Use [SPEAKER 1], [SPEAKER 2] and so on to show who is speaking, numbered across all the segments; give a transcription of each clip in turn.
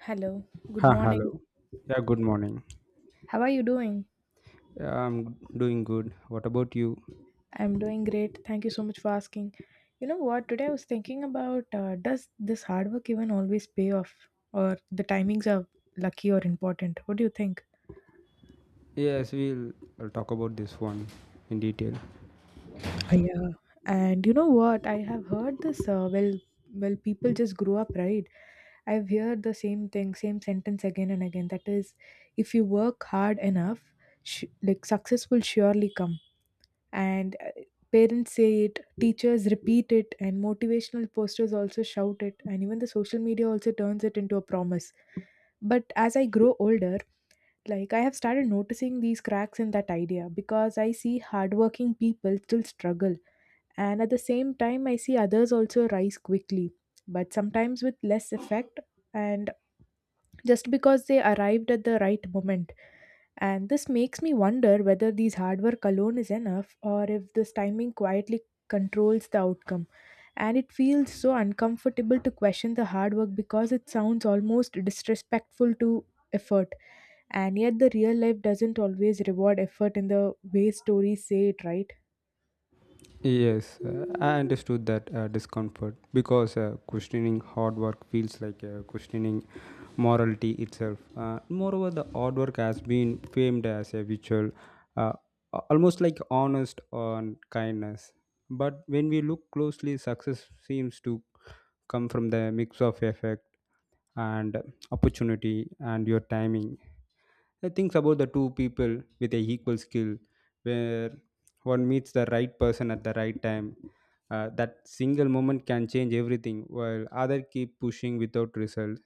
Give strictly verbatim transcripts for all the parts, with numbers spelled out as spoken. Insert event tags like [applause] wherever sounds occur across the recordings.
[SPEAKER 1] Hello, good
[SPEAKER 2] Ha,
[SPEAKER 1] morning.
[SPEAKER 2] hello. Yeah, good morning.
[SPEAKER 1] How are you doing?
[SPEAKER 2] Yeah, I'm doing good. What about you?
[SPEAKER 1] I'm doing great. Thank you so much for asking. You know what? Today I was thinking about uh, does this hard work even always pay off, or the timings are lucky or important? What do you think?
[SPEAKER 2] Yes, we'll, I'll talk about this one in detail.
[SPEAKER 1] Uh, yeah. And you know what? I have heard this. Uh, well, well, people just grow up, right? I've heard the same thing, same sentence again and again. That is, if you work hard enough, sh- like success will surely come and uh, parents say it, teachers repeat it, and motivational posters also shout it, and even the social media also turns it into a promise. But as I grow older, like I have started noticing these cracks in that idea, because I see hardworking people still struggle, and at the same time I see others also rise quickly, but sometimes with less effect, and just because they arrived at the right moment. And this makes me wonder whether these hard work alone is enough, or if this timing quietly controls the outcome. And it feels so uncomfortable to question the hard work, because it sounds almost disrespectful to effort. And yet, the real life doesn't always reward effort in the way stories say it, right?
[SPEAKER 2] Yes, uh, I understood that uh, discomfort because uh, questioning hard work feels like uh, questioning morality itself. Uh, moreover, the hard work has been famed as a virtual, uh, a- almost like honest on kindness. But when we look closely, success seems to come from the mix of effect and opportunity and your timing. I think about the two people with a equal skill, where one meets the right person at the right time. Uh, that single moment can change everything, while other keep pushing without result.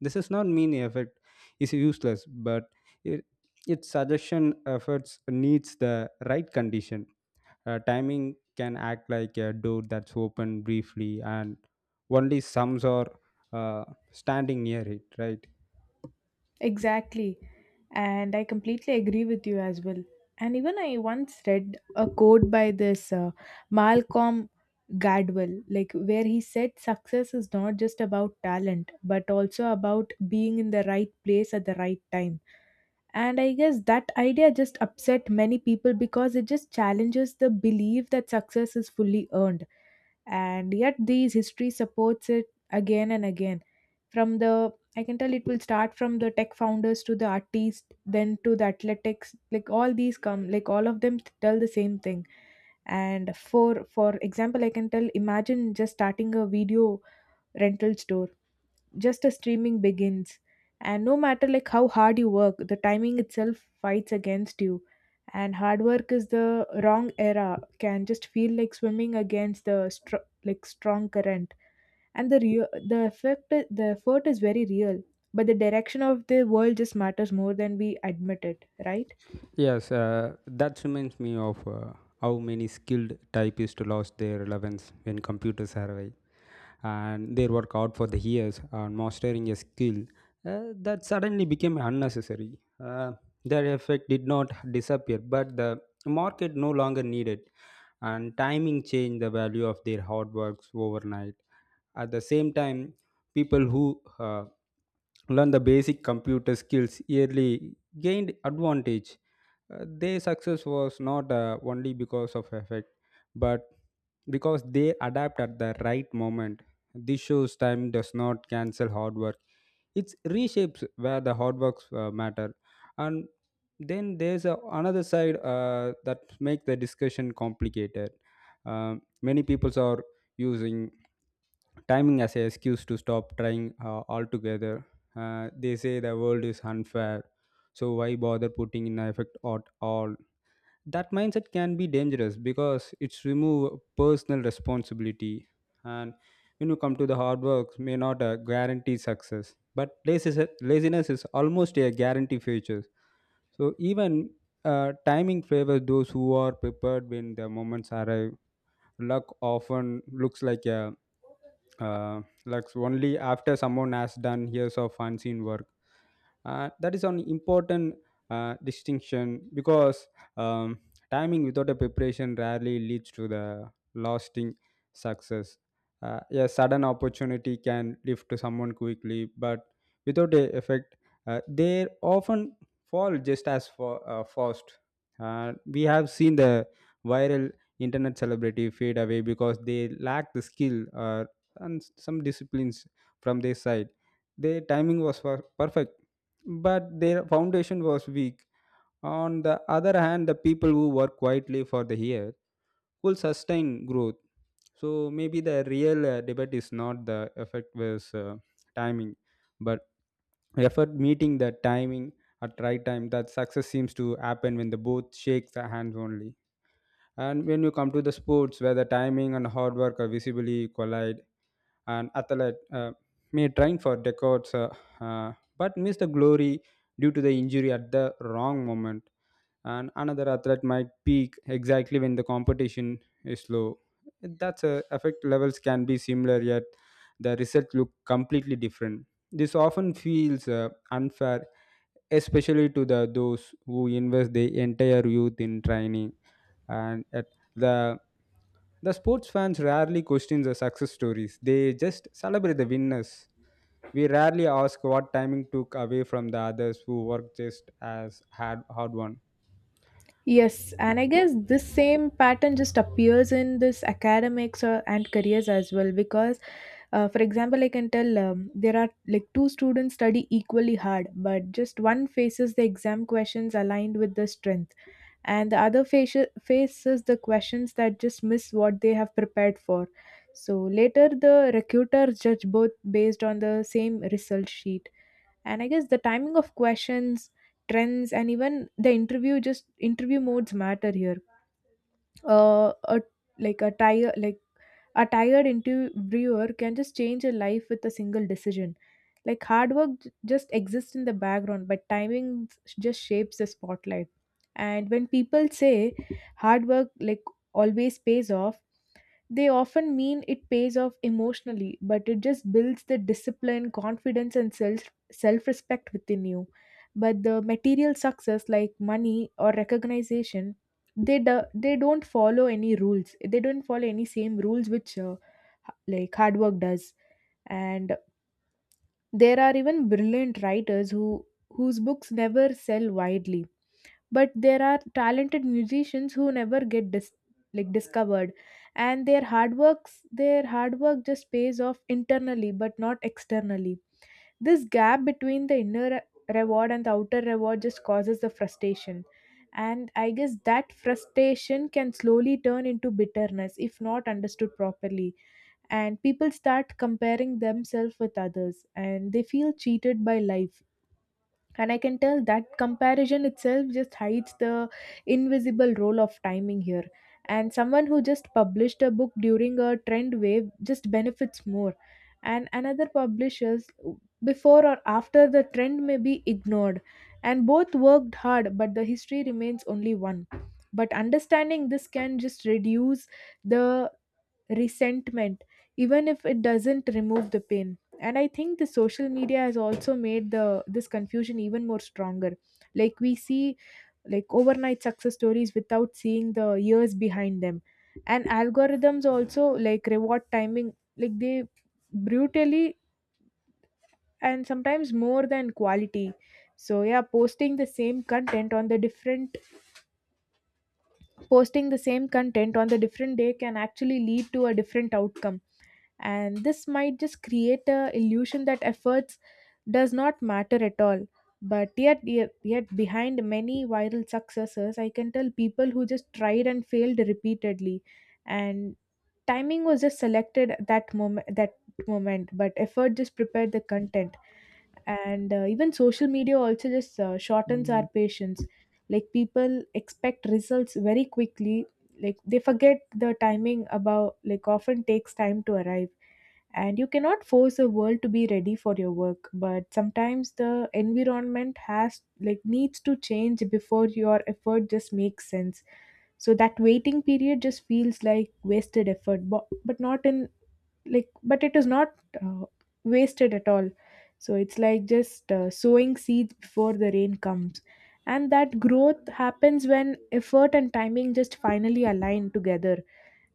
[SPEAKER 2] This does not mean effort is useless, but it, its suggestion efforts needs the right condition. Uh, timing can act like a door that's open briefly, and only some are uh, standing near it, right?
[SPEAKER 1] Exactly. And I completely agree with you as well. And even I once read a quote by this uh, Malcolm Gladwell, like where he said success is not just about talent, but also about being in the right place at the right time. And I guess that idea just upset many people because it just challenges the belief that success is fully earned, and yet these history supports it again and again. From the, I can tell, it will start from the tech founders to the artists, then to the athletics, like all these come, like all of them tell the same thing. And for for example, I can tell, imagine just starting a video rental store just as streaming begins, and no matter like how hard you work, the timing itself fights against you. And hard work is the wrong era, can just feel like swimming against the str- like strong current. And the real, the effect the effort is very real, but the direction of the world just matters more than we admit it, right?
[SPEAKER 2] Yes, uh, that reminds me of uh, how many skilled typists lost their relevance when computers arrived, and their work out for the years on mastering a skill uh, that suddenly became unnecessary. Uh, their effect did not disappear, but the market no longer needed, and timing changed the value of their hard works overnight. At the same time, people who uh, learned the basic computer skills early, gained advantage. Uh, their success was not uh, only because of effect, but because they adapt at the right moment. This shows time does not cancel hard work. It reshapes where the hard works uh, matter. And then there's a, another side uh, that make the discussion complicated. Um many people are using timing as an excuse to stop trying uh, altogether. Uh, they say the world is unfair, so why bother putting in effect at all? That mindset can be dangerous because it's remove personal responsibility, and when you come to the hard work, may not uh, guarantee success, but laziness, laziness is almost a guarantee feature. So even uh, timing favors those who are prepared when the moments arrive. Luck often looks like a uh, luck only after someone has done years of unseen work. Uh, that is an important uh, distinction because um, timing without a preparation rarely leads to the lasting success. Uh, a sudden opportunity can lift to someone quickly, but without a effect, uh, they often fall just as for, uh, fast. Uh, we have seen the viral internet celebrity fade away because they lack the skill or and some disciplines from their side. Their timing was per- perfect, but their foundation was weak. On the other hand, the people who work quietly for the year will sustain growth. So maybe the real uh, debate is not the effect versus uh, timing, but effort meeting the timing at right time. That success seems to happen when the both shake the hands only. And when you come to the sports where the timing and hard work are visibly collide, and athlete uh, may train for decades uh, uh, but miss the glory due to the injury at the wrong moment, and another athlete might peak exactly when the competition is low. That's uh, effect levels can be similar yet the result look completely different. This often feels uh, unfair, especially to the those who invest their entire youth in training. And a the the sports fans rarely question the success stories. They just celebrate the winners. We rarely ask what timing took away from the others who worked just as hard hard one.
[SPEAKER 1] Yes, and I guess this same pattern just appears in this academics or and careers as well, because, uh, for example, I can tell, um, there are like two students study equally hard, but just one faces the exam questions aligned with the strength, and the other faci- faces the questions that just miss what they have prepared for. So later, the recruiters judge both based on the same result sheet, and I guess the timing of questions, trends, and even the interview, just interview modes matter here. Uh a, like a tire like a tired interviewer can just change a life with a single decision. Like hard work j- just exists in the background, but timing s- just shapes the spotlight. And when people say hard work like always pays off, they often mean it pays off emotionally, but it just builds the discipline, confidence, and self self respect within you. But the material success, like money or recognition, they do, they don't follow any rules, they don't follow any same rules which uh, h- like hard work does. And there are even brilliant writers who whose books never sell widely, but there are talented musicians who never get dis- like discovered, and their hard works their hard work just pays off internally but not externally. This gap between the inner re- reward and the outer reward just causes the frustration, and I guess that frustration can slowly turn into bitterness if not understood properly, and people start comparing themselves with others and they feel cheated by life. And I can tell that comparison itself just hides the invisible role of timing here. And someone who just published a book during a trend wave just benefits more, and another publishers before or after the trend may be ignored, and both worked hard but the history remains only one. But understanding this can just reduce the resentment, even if it doesn't remove the pain. And I think the social media has also made the this confusion even more stronger. Like we see like overnight success stories without seeing the years behind them. And algorithms also like reward timing, like they brutally and sometimes more than quality. So yeah, posting the same content on the different posting the same content on the different day can actually lead to a different outcome, and this might just create a illusion that efforts does not matter at all. But yet, yet yet behind many viral successes, I can tell people who just tried and failed repeatedly, and timing was just selected at that moment that moment, but effort just prepared the content. And uh, even social media also just uh, shortens our patience. Like people expect results very quickly, like they forget the timing about like often takes time to arrive. And you cannot force the world to be ready for your work, but sometimes the environment has like needs to change before your effort just makes sense. So that waiting period just feels like wasted effort, but but not in like, but it is not uh, wasted at all. So it's like just uh, sowing seeds before the rain comes. And that growth happens when effort and timing just finally align together.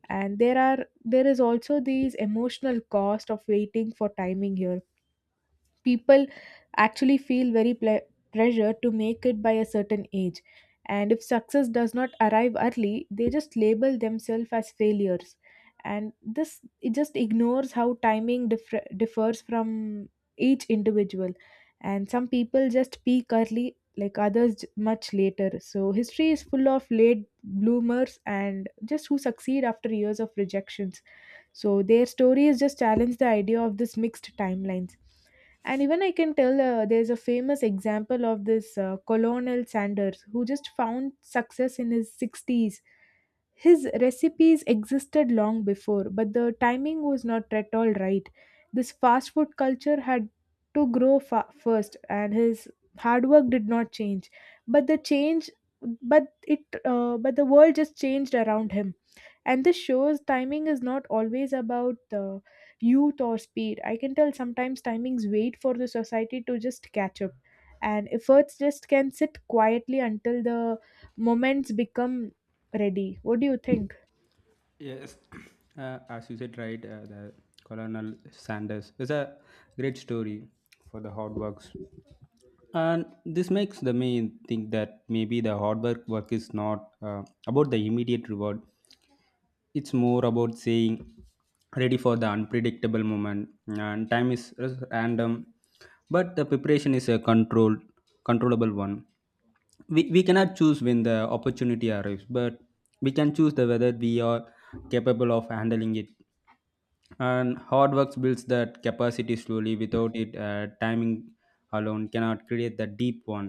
[SPEAKER 1] And there are there is also these emotional cost of waiting for timing here. People actually feel very ple- pressure to make it by a certain age, and if success does not arrive early they just label themselves as failures. And this it just ignores how timing differ- differs from each individual. And some people just peak early, like others j- much later. So history is full of late bloomers and just who succeed after years of rejections. So their stories just challenge the idea of this mixed timelines. And even I can tell, uh, there's a famous example of this uh, Colonel Sanders who just found success in his sixties. His recipes existed long before, but the timing was not at all right. This fast food culture had to grow fa- first, and his hard work did not change. But the change, but it, uh, but the world just changed around him. And this shows timing is not always about uh, youth or speed. I can tell sometimes timings wait for the society to just catch up, and efforts just can sit quietly until the moments become ready. What do you think?
[SPEAKER 2] Yes, [clears throat] uh, as you said, right, uh, the Colonel Sanders is a great story. For the hard works. And this makes the me think that maybe the hard work work is not uh, about the immediate reward. It's more about saying ready for the unpredictable moment, and time is random, but the preparation is a controlled controllable one. We, we cannot choose when the opportunity arrives, but we can choose the whether we are capable of handling it, and hard work builds that capacity slowly. Without it, uh, timing alone cannot create the deep one.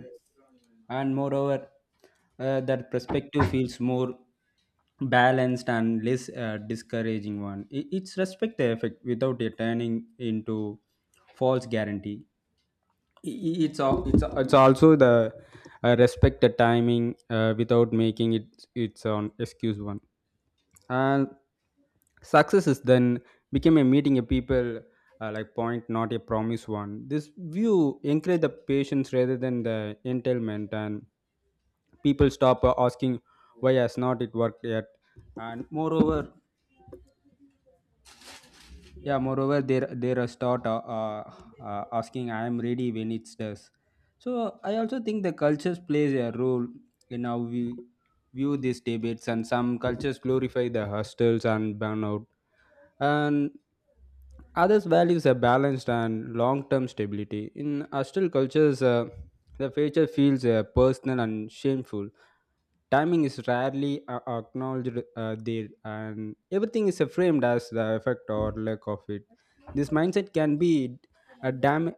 [SPEAKER 2] And moreover, uh, that perspective feels more balanced and less uh, discouraging one. I- it's respect the effect without it turning into false guarantee. I- i- it's al- it's, al- it's also the uh, respect the timing uh, without making it it's an excuse one. And success is then became a meeting a people uh, like point, not a promise one. This view encourage the patience rather than the entailment, and people stop uh, asking why has not it worked yet. And moreover yeah moreover there there are start uh, uh, uh, asking I am ready when it does. So I also think the cultures plays a role in how we view these debates, and some cultures glorify the hostels and burnout, and others values a balanced and long-term stability. In hostile cultures, uh, the future feels uh, personal and shameful. Timing is rarely uh, acknowledged uh, there, and everything is uh, framed as the effect or lack of it. This mindset can be uh, dam-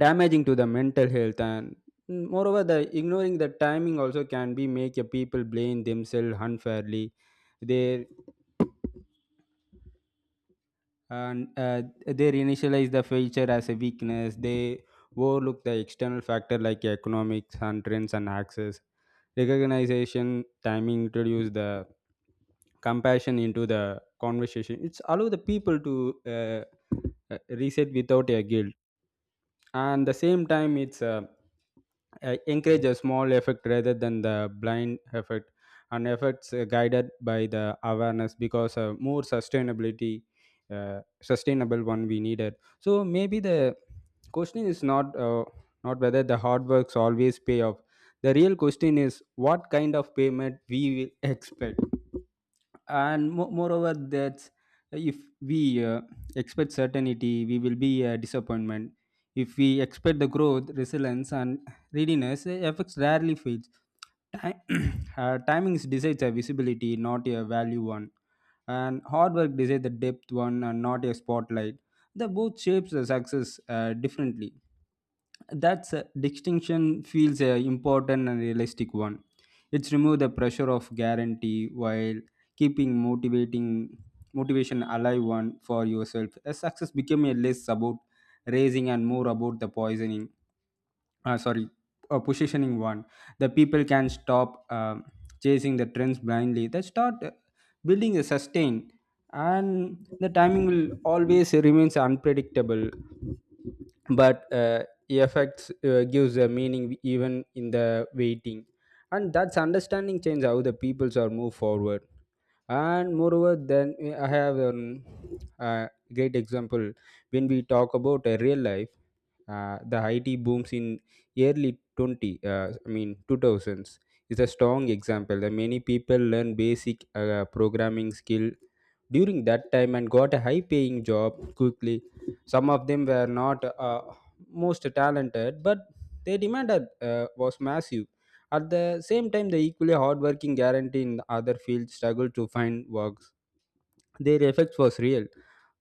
[SPEAKER 2] damaging to the mental health. and Mm, Moreover, the ignoring the timing also can be make a people blame themselves unfairly. They and uh, they initialize the feature as a weakness. They overlook the external factor like economics and trends and access. Recognition timing introduce the compassion into the conversation. It's allow the people to uh, uh, reset without a guilt. And the same time it's uh, uh, encourage a small effect rather than the blind effect, and efforts uh, guided by the awareness, because uh, more sustainability uh, sustainable one we needed. So maybe the question is not uh, not whether the hard works always pay off. The real question is what kind of payment we will [laughs] expect. And mo- moreover that if we uh, expect certainty, we will be a disappointment. If we expect the growth, resilience and readiness, uh, fx rarely fails. Time, [clears throat] uh, timings decides a visibility, not a value one, and hard work decides the depth one and not a spotlight. The both shapes the success uh, differently. That distinction feels a important and realistic one. It's remove the pressure of guarantee while keeping motivating motivation alive one for yourself. A success become a less about raising and more about the poisoning, uh, sorry, uh, positioning one. The people can stop um, chasing the trends blindly. They start uh, building a sustain, and the timing will always remains unpredictable, but uh, effects uh, gives a meaning even in the waiting, and that's understanding change how the peoples are move forward. And moreover then eh, I have um, a great example. When we talk about a real life, uh, the IT booms in early 20 uh, I mean two thousands is a strong example that many people learn basic uh, programming skill during that time and got a high paying job quickly. Some of them were not uh, most talented, but their demand uh, was massive. At the same time, the equally hardworking guarantee in other fields struggle to find work. Their effect was real,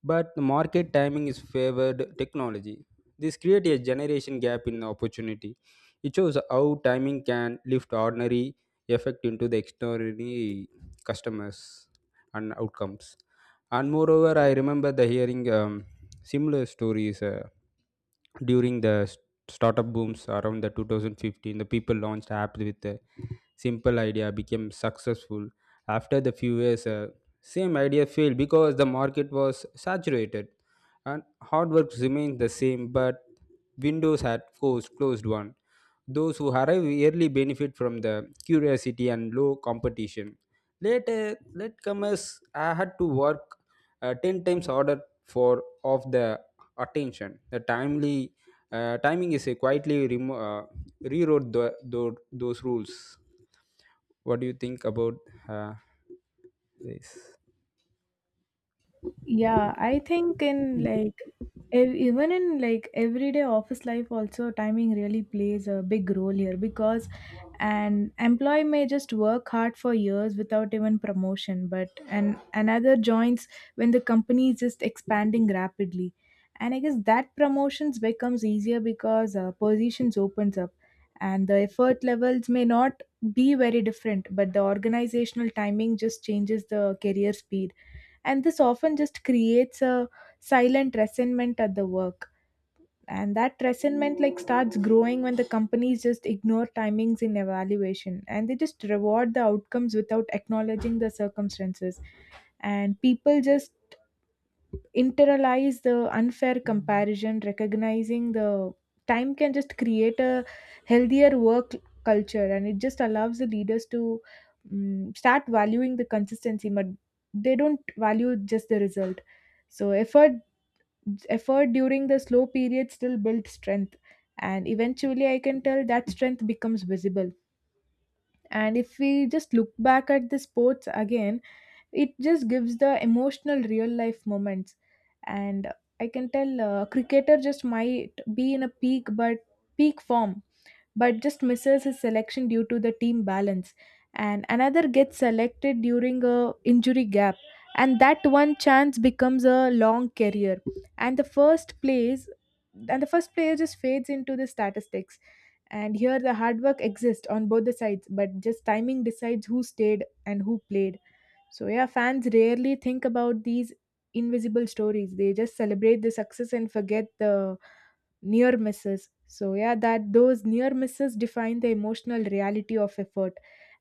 [SPEAKER 2] but the market timing is favored technology. This created a generation gap in opportunity. It shows how timing can lift ordinary effect into the extraordinary customers and outcomes. And moreover, I remember the hearing um, similar stories uh, during the s- startup booms around the two thousand fifteen. The people launched apps with a simple idea became successful. After the few years, uh, same idea failed because the market was saturated, and hard work remained the same, but windows had closed, closed one. Those who arrive early benefit from the curiosity and low competition. Later, latecomers uh, had to work uh, ten times harder for of the attention. The timely uh, timing is a quietly remo- uh, rewrote the, tho- those rules. What do you think about uh, this?
[SPEAKER 1] Yeah, I think in like ev- even in like everyday office life also, timing really plays a big role here, because an employee may just work hard for years without even promotion, but an another joins when the company is just expanding rapidly, and I guess that promotions becomes easier because uh, positions opens up. And the effort levels may not be very different, but the organizational timing just changes the career speed, and this often just creates a silent resentment at the work. And that resentment like starts growing when the companies just ignore timings in evaluation, and they just reward the outcomes without acknowledging the circumstances. And people just internalize the unfair comparison. Recognizing the time can just create a healthier work culture, and it just allows the leaders to mm start valuing the consistency, but they don't value just the result. So effort effort during the slow period still builds strength, and eventually I can tell that strength becomes visible. And if we just look back at the sports again, it just gives the emotional real life moments. And I can tell, uh, cricketer just might be in a peak but peak form, but just misses his selection due to the team balance, and another gets selected during a injury gap, and that one chance becomes a long career. And the first plays and the first player just fades into the statistics. And here the hard work exists on both the sides, but just timing decides who stayed and who played. So yeah, fans rarely think about these invisible stories. They just celebrate the success and forget the near misses. So yeah, that those near misses define the emotional reality of effort,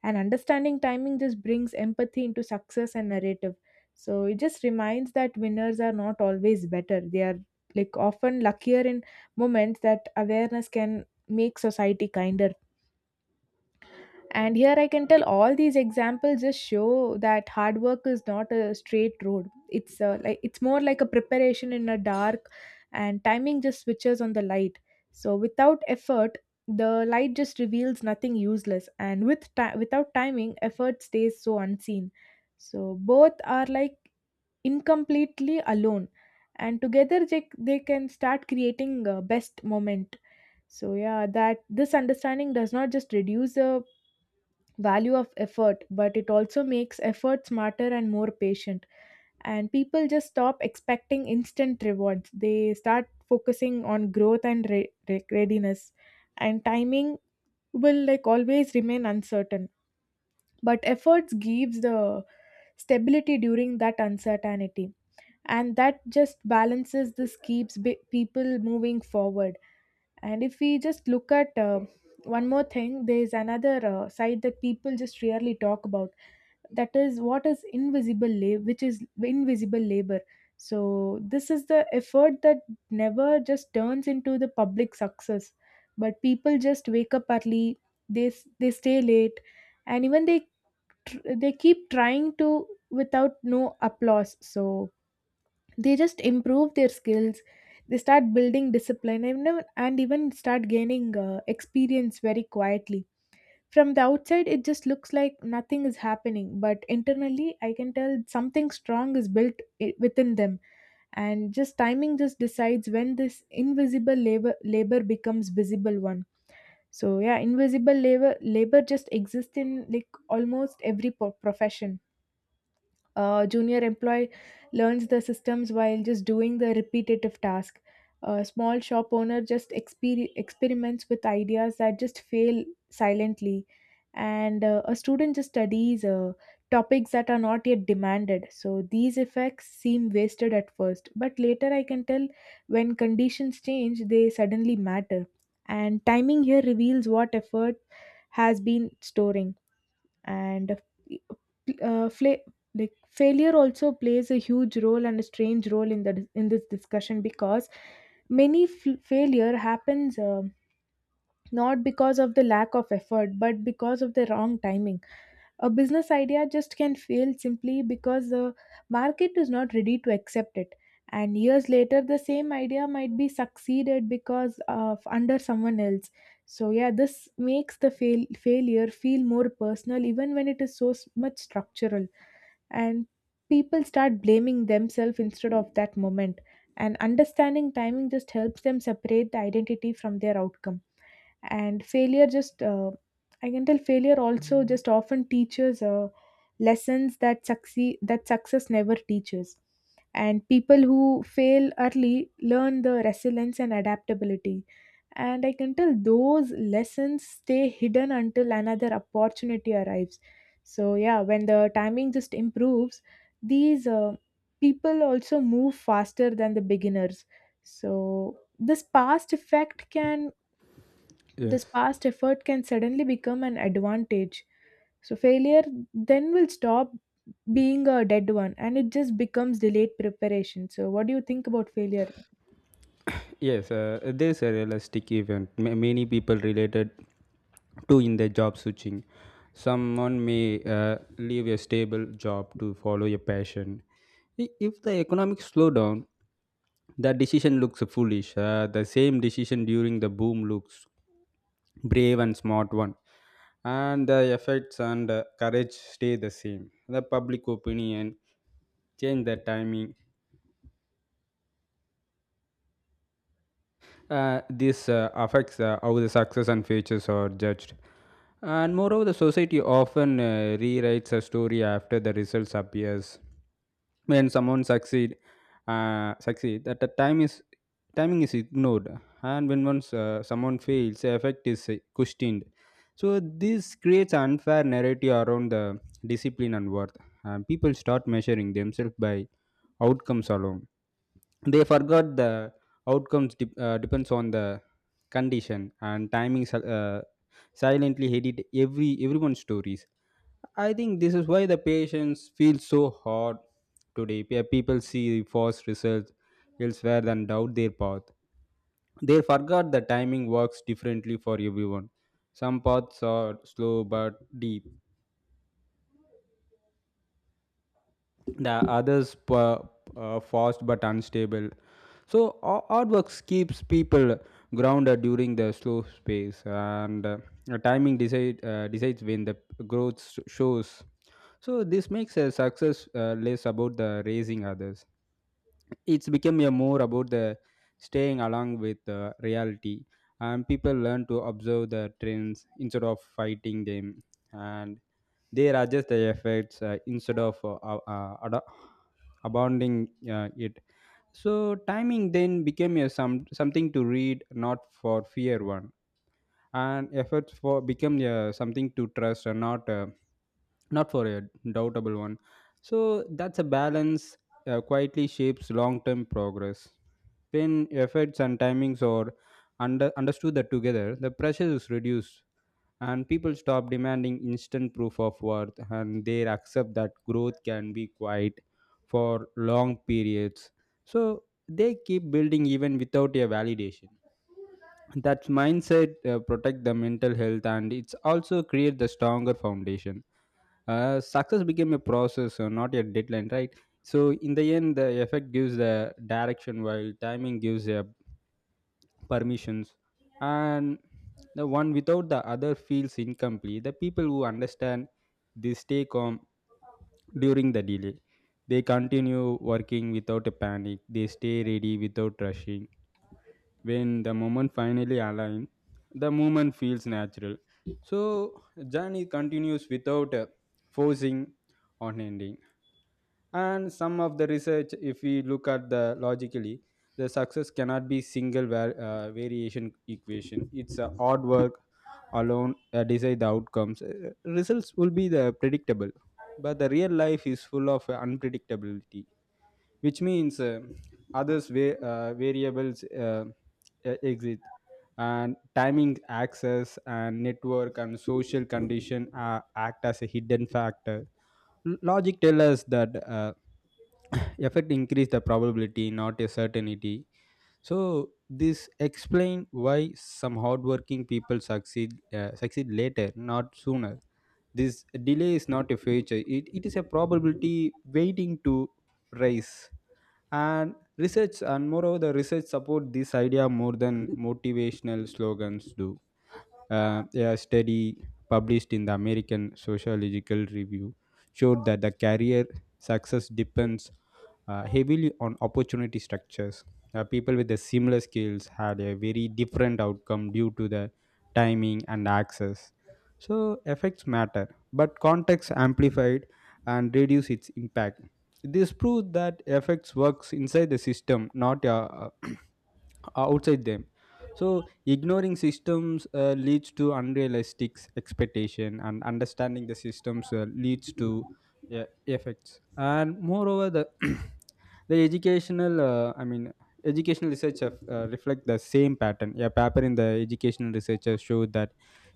[SPEAKER 1] and understanding timing just brings empathy into success and narrative. So it just reminds that winners are not always better, they are like often luckier in moments. That awareness can make society kinder. And here I can tell all these examples just show that hard work is not a straight road. It's uh, like it's more like a preparation in a dark, and timing just switches on the light. So without effort, the light just reveals nothing useless, and with ti- without timing, effort stays so unseen. So both are like incompletely alone, and together they, they can start creating uh, best moment. So yeah, that this understanding does not just reduce the value of effort, but it also makes effort smarter and more patient, and people just stop expecting instant rewards. They start focusing on growth and re- re- readiness, and timing will like always remain uncertain, but efforts gives the stability during that uncertainty, and that just balances. This keeps bi- people moving forward. And if we just look at uh, one more thing, there is another uh, side that people just rarely talk about. That is what is invisible labor, which is invisible labor. So this is the effort that never just turns into the public success, but people just wake up early, they s- they stay late, and even they tr- they keep trying to without no applause. So they just improve their skills, they start building discipline, and, even- and even start gaining uh, experience very quietly. From the outside it just looks like nothing is happening, but internally I can tell something strong is built i- within them. And just timing just decides when this invisible labor labor becomes visible one. So yeah, invisible labor labor just exists in like almost every po- profession. A junior employee learns the systems while just doing the repetitive task. A small shop owner just exper- experiments with ideas that just fail silently. And uh, a student just studies uh, topics that are not yet demanded. So these effects seem wasted at first, but later I can tell when conditions change, they suddenly matter. And timing here reveals what effort has been storing. And uh, uh, fla- like failure also plays a huge role and a strange role in the in this discussion, because many f- failure happens um not because of the lack of effort, but because of the wrong timing. A business idea just can fail simply because the market is not ready to accept it, and years later the same idea might be succeeded because of under someone else. So yeah, this makes the fail- failure feel more personal even when it is so s- much structural, and people start blaming themselves instead of that moment. And understanding timing just helps them separate the identity from their outcome. And failure just uh, I can tell failure also just often teaches uh, lessons that succeed that success never teaches. And people who fail early learn the resilience and adaptability, and I can tell those lessons stay hidden until another opportunity arrives. So yeah, when the timing just improves, these uh, people also move faster than the beginners. So this past effect can this
[SPEAKER 2] Yes.
[SPEAKER 1] past effort can suddenly become an advantage. So, failure then will stop being a dead one, and it just becomes delayed preparation. So, what do you think about failure?
[SPEAKER 2] Yes, uh, there's a realistic event. Ma- many people related to in their job switching. Someone may uh, leave a stable job to follow a passion. I- If the economic slowdown, that decision looks foolish. Uh, the same decision during the boom looks brave and smart one. And the effects and uh, courage stay the same. The public opinion change the timing. Uh, this uh, affects uh, how the success and failures are judged. And moreover, the society often uh, rewrites a story after the results appears. When someone succeed, uh, succeed that the time is timing is ignored, and when once uh, someone fails, the effect is uh, questioned. So this creates unfair narrative around the discipline and worth. Uh, people start measuring themselves by outcomes alone. They forgot the outcomes dep uh, depends on the condition, and timing sil- uh, silently hated every everyone's stories. I think this is why the patients feel so hard today. Pe- people see false results elsewhere than doubt their path. They forgot the timing works differently for everyone. Some paths are slow but deep. The others pa- uh, fast but unstable. So ar- artworks keeps people grounded during the slow space, and uh, timing decide uh, decides when the growth s- shows. So this makes a success uh, less about the raising others. It's become a more about the staying along with uh, reality, and people learn to observe the trends instead of fighting them, and they adjust their efforts uh, instead of uh, uh, ad- abandoning uh, it, so timing then became a some something to read, not for fear one, and efforts for become a something to trust, and not uh, not for a doubtable one. So that's a balance uh, quietly shapes long term progress. When efforts and timings are under understood that together, the pressure is reduced, and people stop demanding instant proof of worth, and they accept that growth can be quiet for long periods, so they keep building even without a validation. That mindset uh, protect the mental health and it's also create the stronger foundation. Uh, success became a process, uh, not a deadline, right? So in the end the effect gives the direction while timing gives a permissions, and the one without the other feels incomplete. The people who understand this stay calm during the delay. They continue working without a panic. They stay ready without rushing. When the moment finally aligns, the movement feels natural. So journey continues without uh, forcing on ending. And some of the research, if we look at the logically, the success cannot be single var- uh, variation equation. It's a hard work alone uh, decide the outcomes. Uh, results will be the predictable, but the real life is full of uh, unpredictability, which means uh, others va- uh, variables uh, e- exist, and timing access and network and social condition uh, act as a hidden factor. L- logic tell us that uh, effect increase the probability, not a certainty. So this explain why some hardworking people succeed uh, succeed later, not sooner. This delay is not a future, it, it is a probability waiting to rise. And research, and moreover the research support this idea more than motivational slogans do. Uh, a study published in the American Sociological Review showed that the career success depends uh, heavily on opportunity structures. Uh, people with the similar skills had a very different outcome due to the timing and access. So effects matter, but context amplified and reduce its impact. This proves that effects works inside the system, not a [clears throat] uh, outside them. So ignoring systems uh, leads to unrealistic expectation, and understanding the systems uh, leads to uh, effects. And moreover the [coughs] [clears throat] the educational uh, I mean educational research have, uh, reflect the same pattern. A paper in the educational research showed that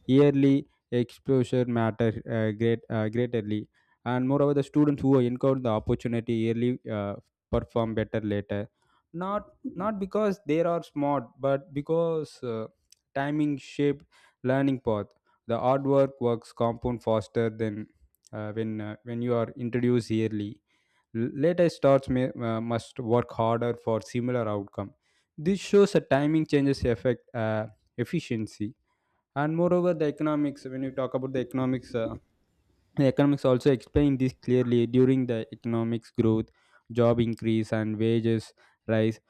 [SPEAKER 2] yearly exposure matter uh, great uh, greatly. And moreover the students who encounter the opportunity yearly uh, perform better later, not not because they are smart, but because uh, timing shaped learning path. The hard work works compound faster than uh, when uh, when you are introduced yearly. L- later starts may, uh, must work harder for similar outcome. This shows a timing changes affect uh, efficiency. And moreover the economics, when you talk about the economics, uh, the economics also explain this clearly. During the economics growth, job increase, and wages rise.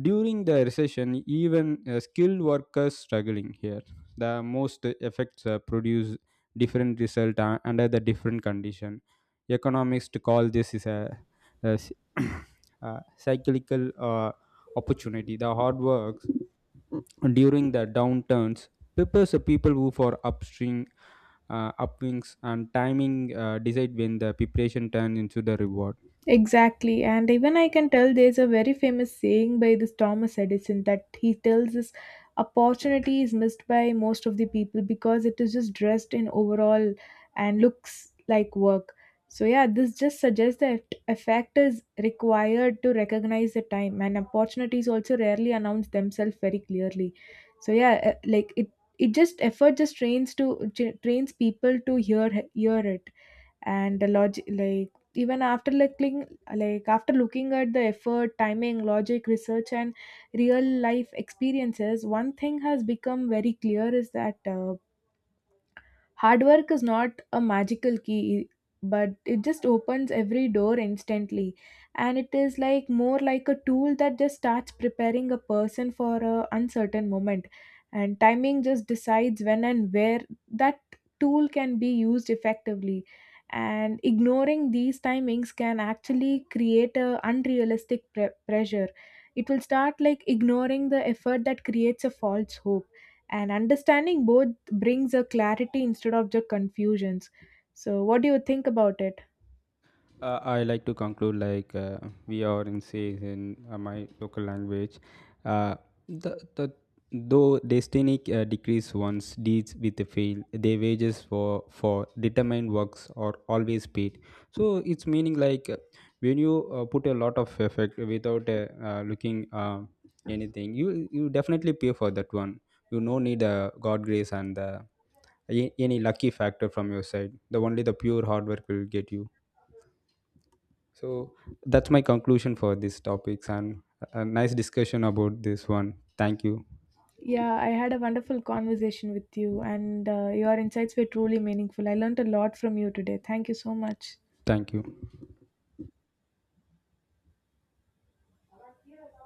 [SPEAKER 2] During the recession, even uh, skilled workers struggling here. The most effects uh, produce different result uh, under the different condition. Economists call this is a, a s- [coughs] [clears throat] a cyclical uh, opportunity. The hard works during the downturns prepares the people who for upstream uh, upwings, and timing uh, decide when the preparation turns into the reward.
[SPEAKER 1] Exactly, and even I can tell there's a very famous saying by this Thomas Edison, that he tells us opportunity is missed by most of the people because it is just dressed in overall and looks like work. So, yeah, this just suggests that effect is required to recognize the time, and opportunities also rarely announce themselves very clearly. So, yeah, eh, like it, it just effort just trains to trains people to hear hear it. And the log like even after like looking like after looking at the effort, timing, logic, research and real life experiences, one thing has become very clear is that uh, hard work is not a magical key, but it just opens every door instantly. And it is like more like a tool that just starts preparing a person for a uncertain moment. And timing just decides when and where that tool can be used effectively. And ignoring these timings can actually create a unrealistic pre- pressure. It will start like ignoring the effort that creates a false hope, and understanding both brings a clarity instead of the confusions. So what do you think about it?
[SPEAKER 2] Uh, I like to conclude like uh, we are in says in uh, my local language. Uh, the, the though destiny uh, decrease once deeds with the fail, their wages for for determined works are always paid. So it's meaning like uh, when you uh, put a lot of effort without uh, uh, looking uh, anything, you you definitely pay for that one. You no need uh, God grace and uh, a- any lucky factor from your side. The only the pure hard work will get you. So that's my conclusion for these topics and a nice discussion about this one. Thank you.
[SPEAKER 1] Yeah, I had a wonderful conversation with you, and uh, your insights were truly meaningful. I learned a lot from you today. Thank you so much.
[SPEAKER 2] Thank you.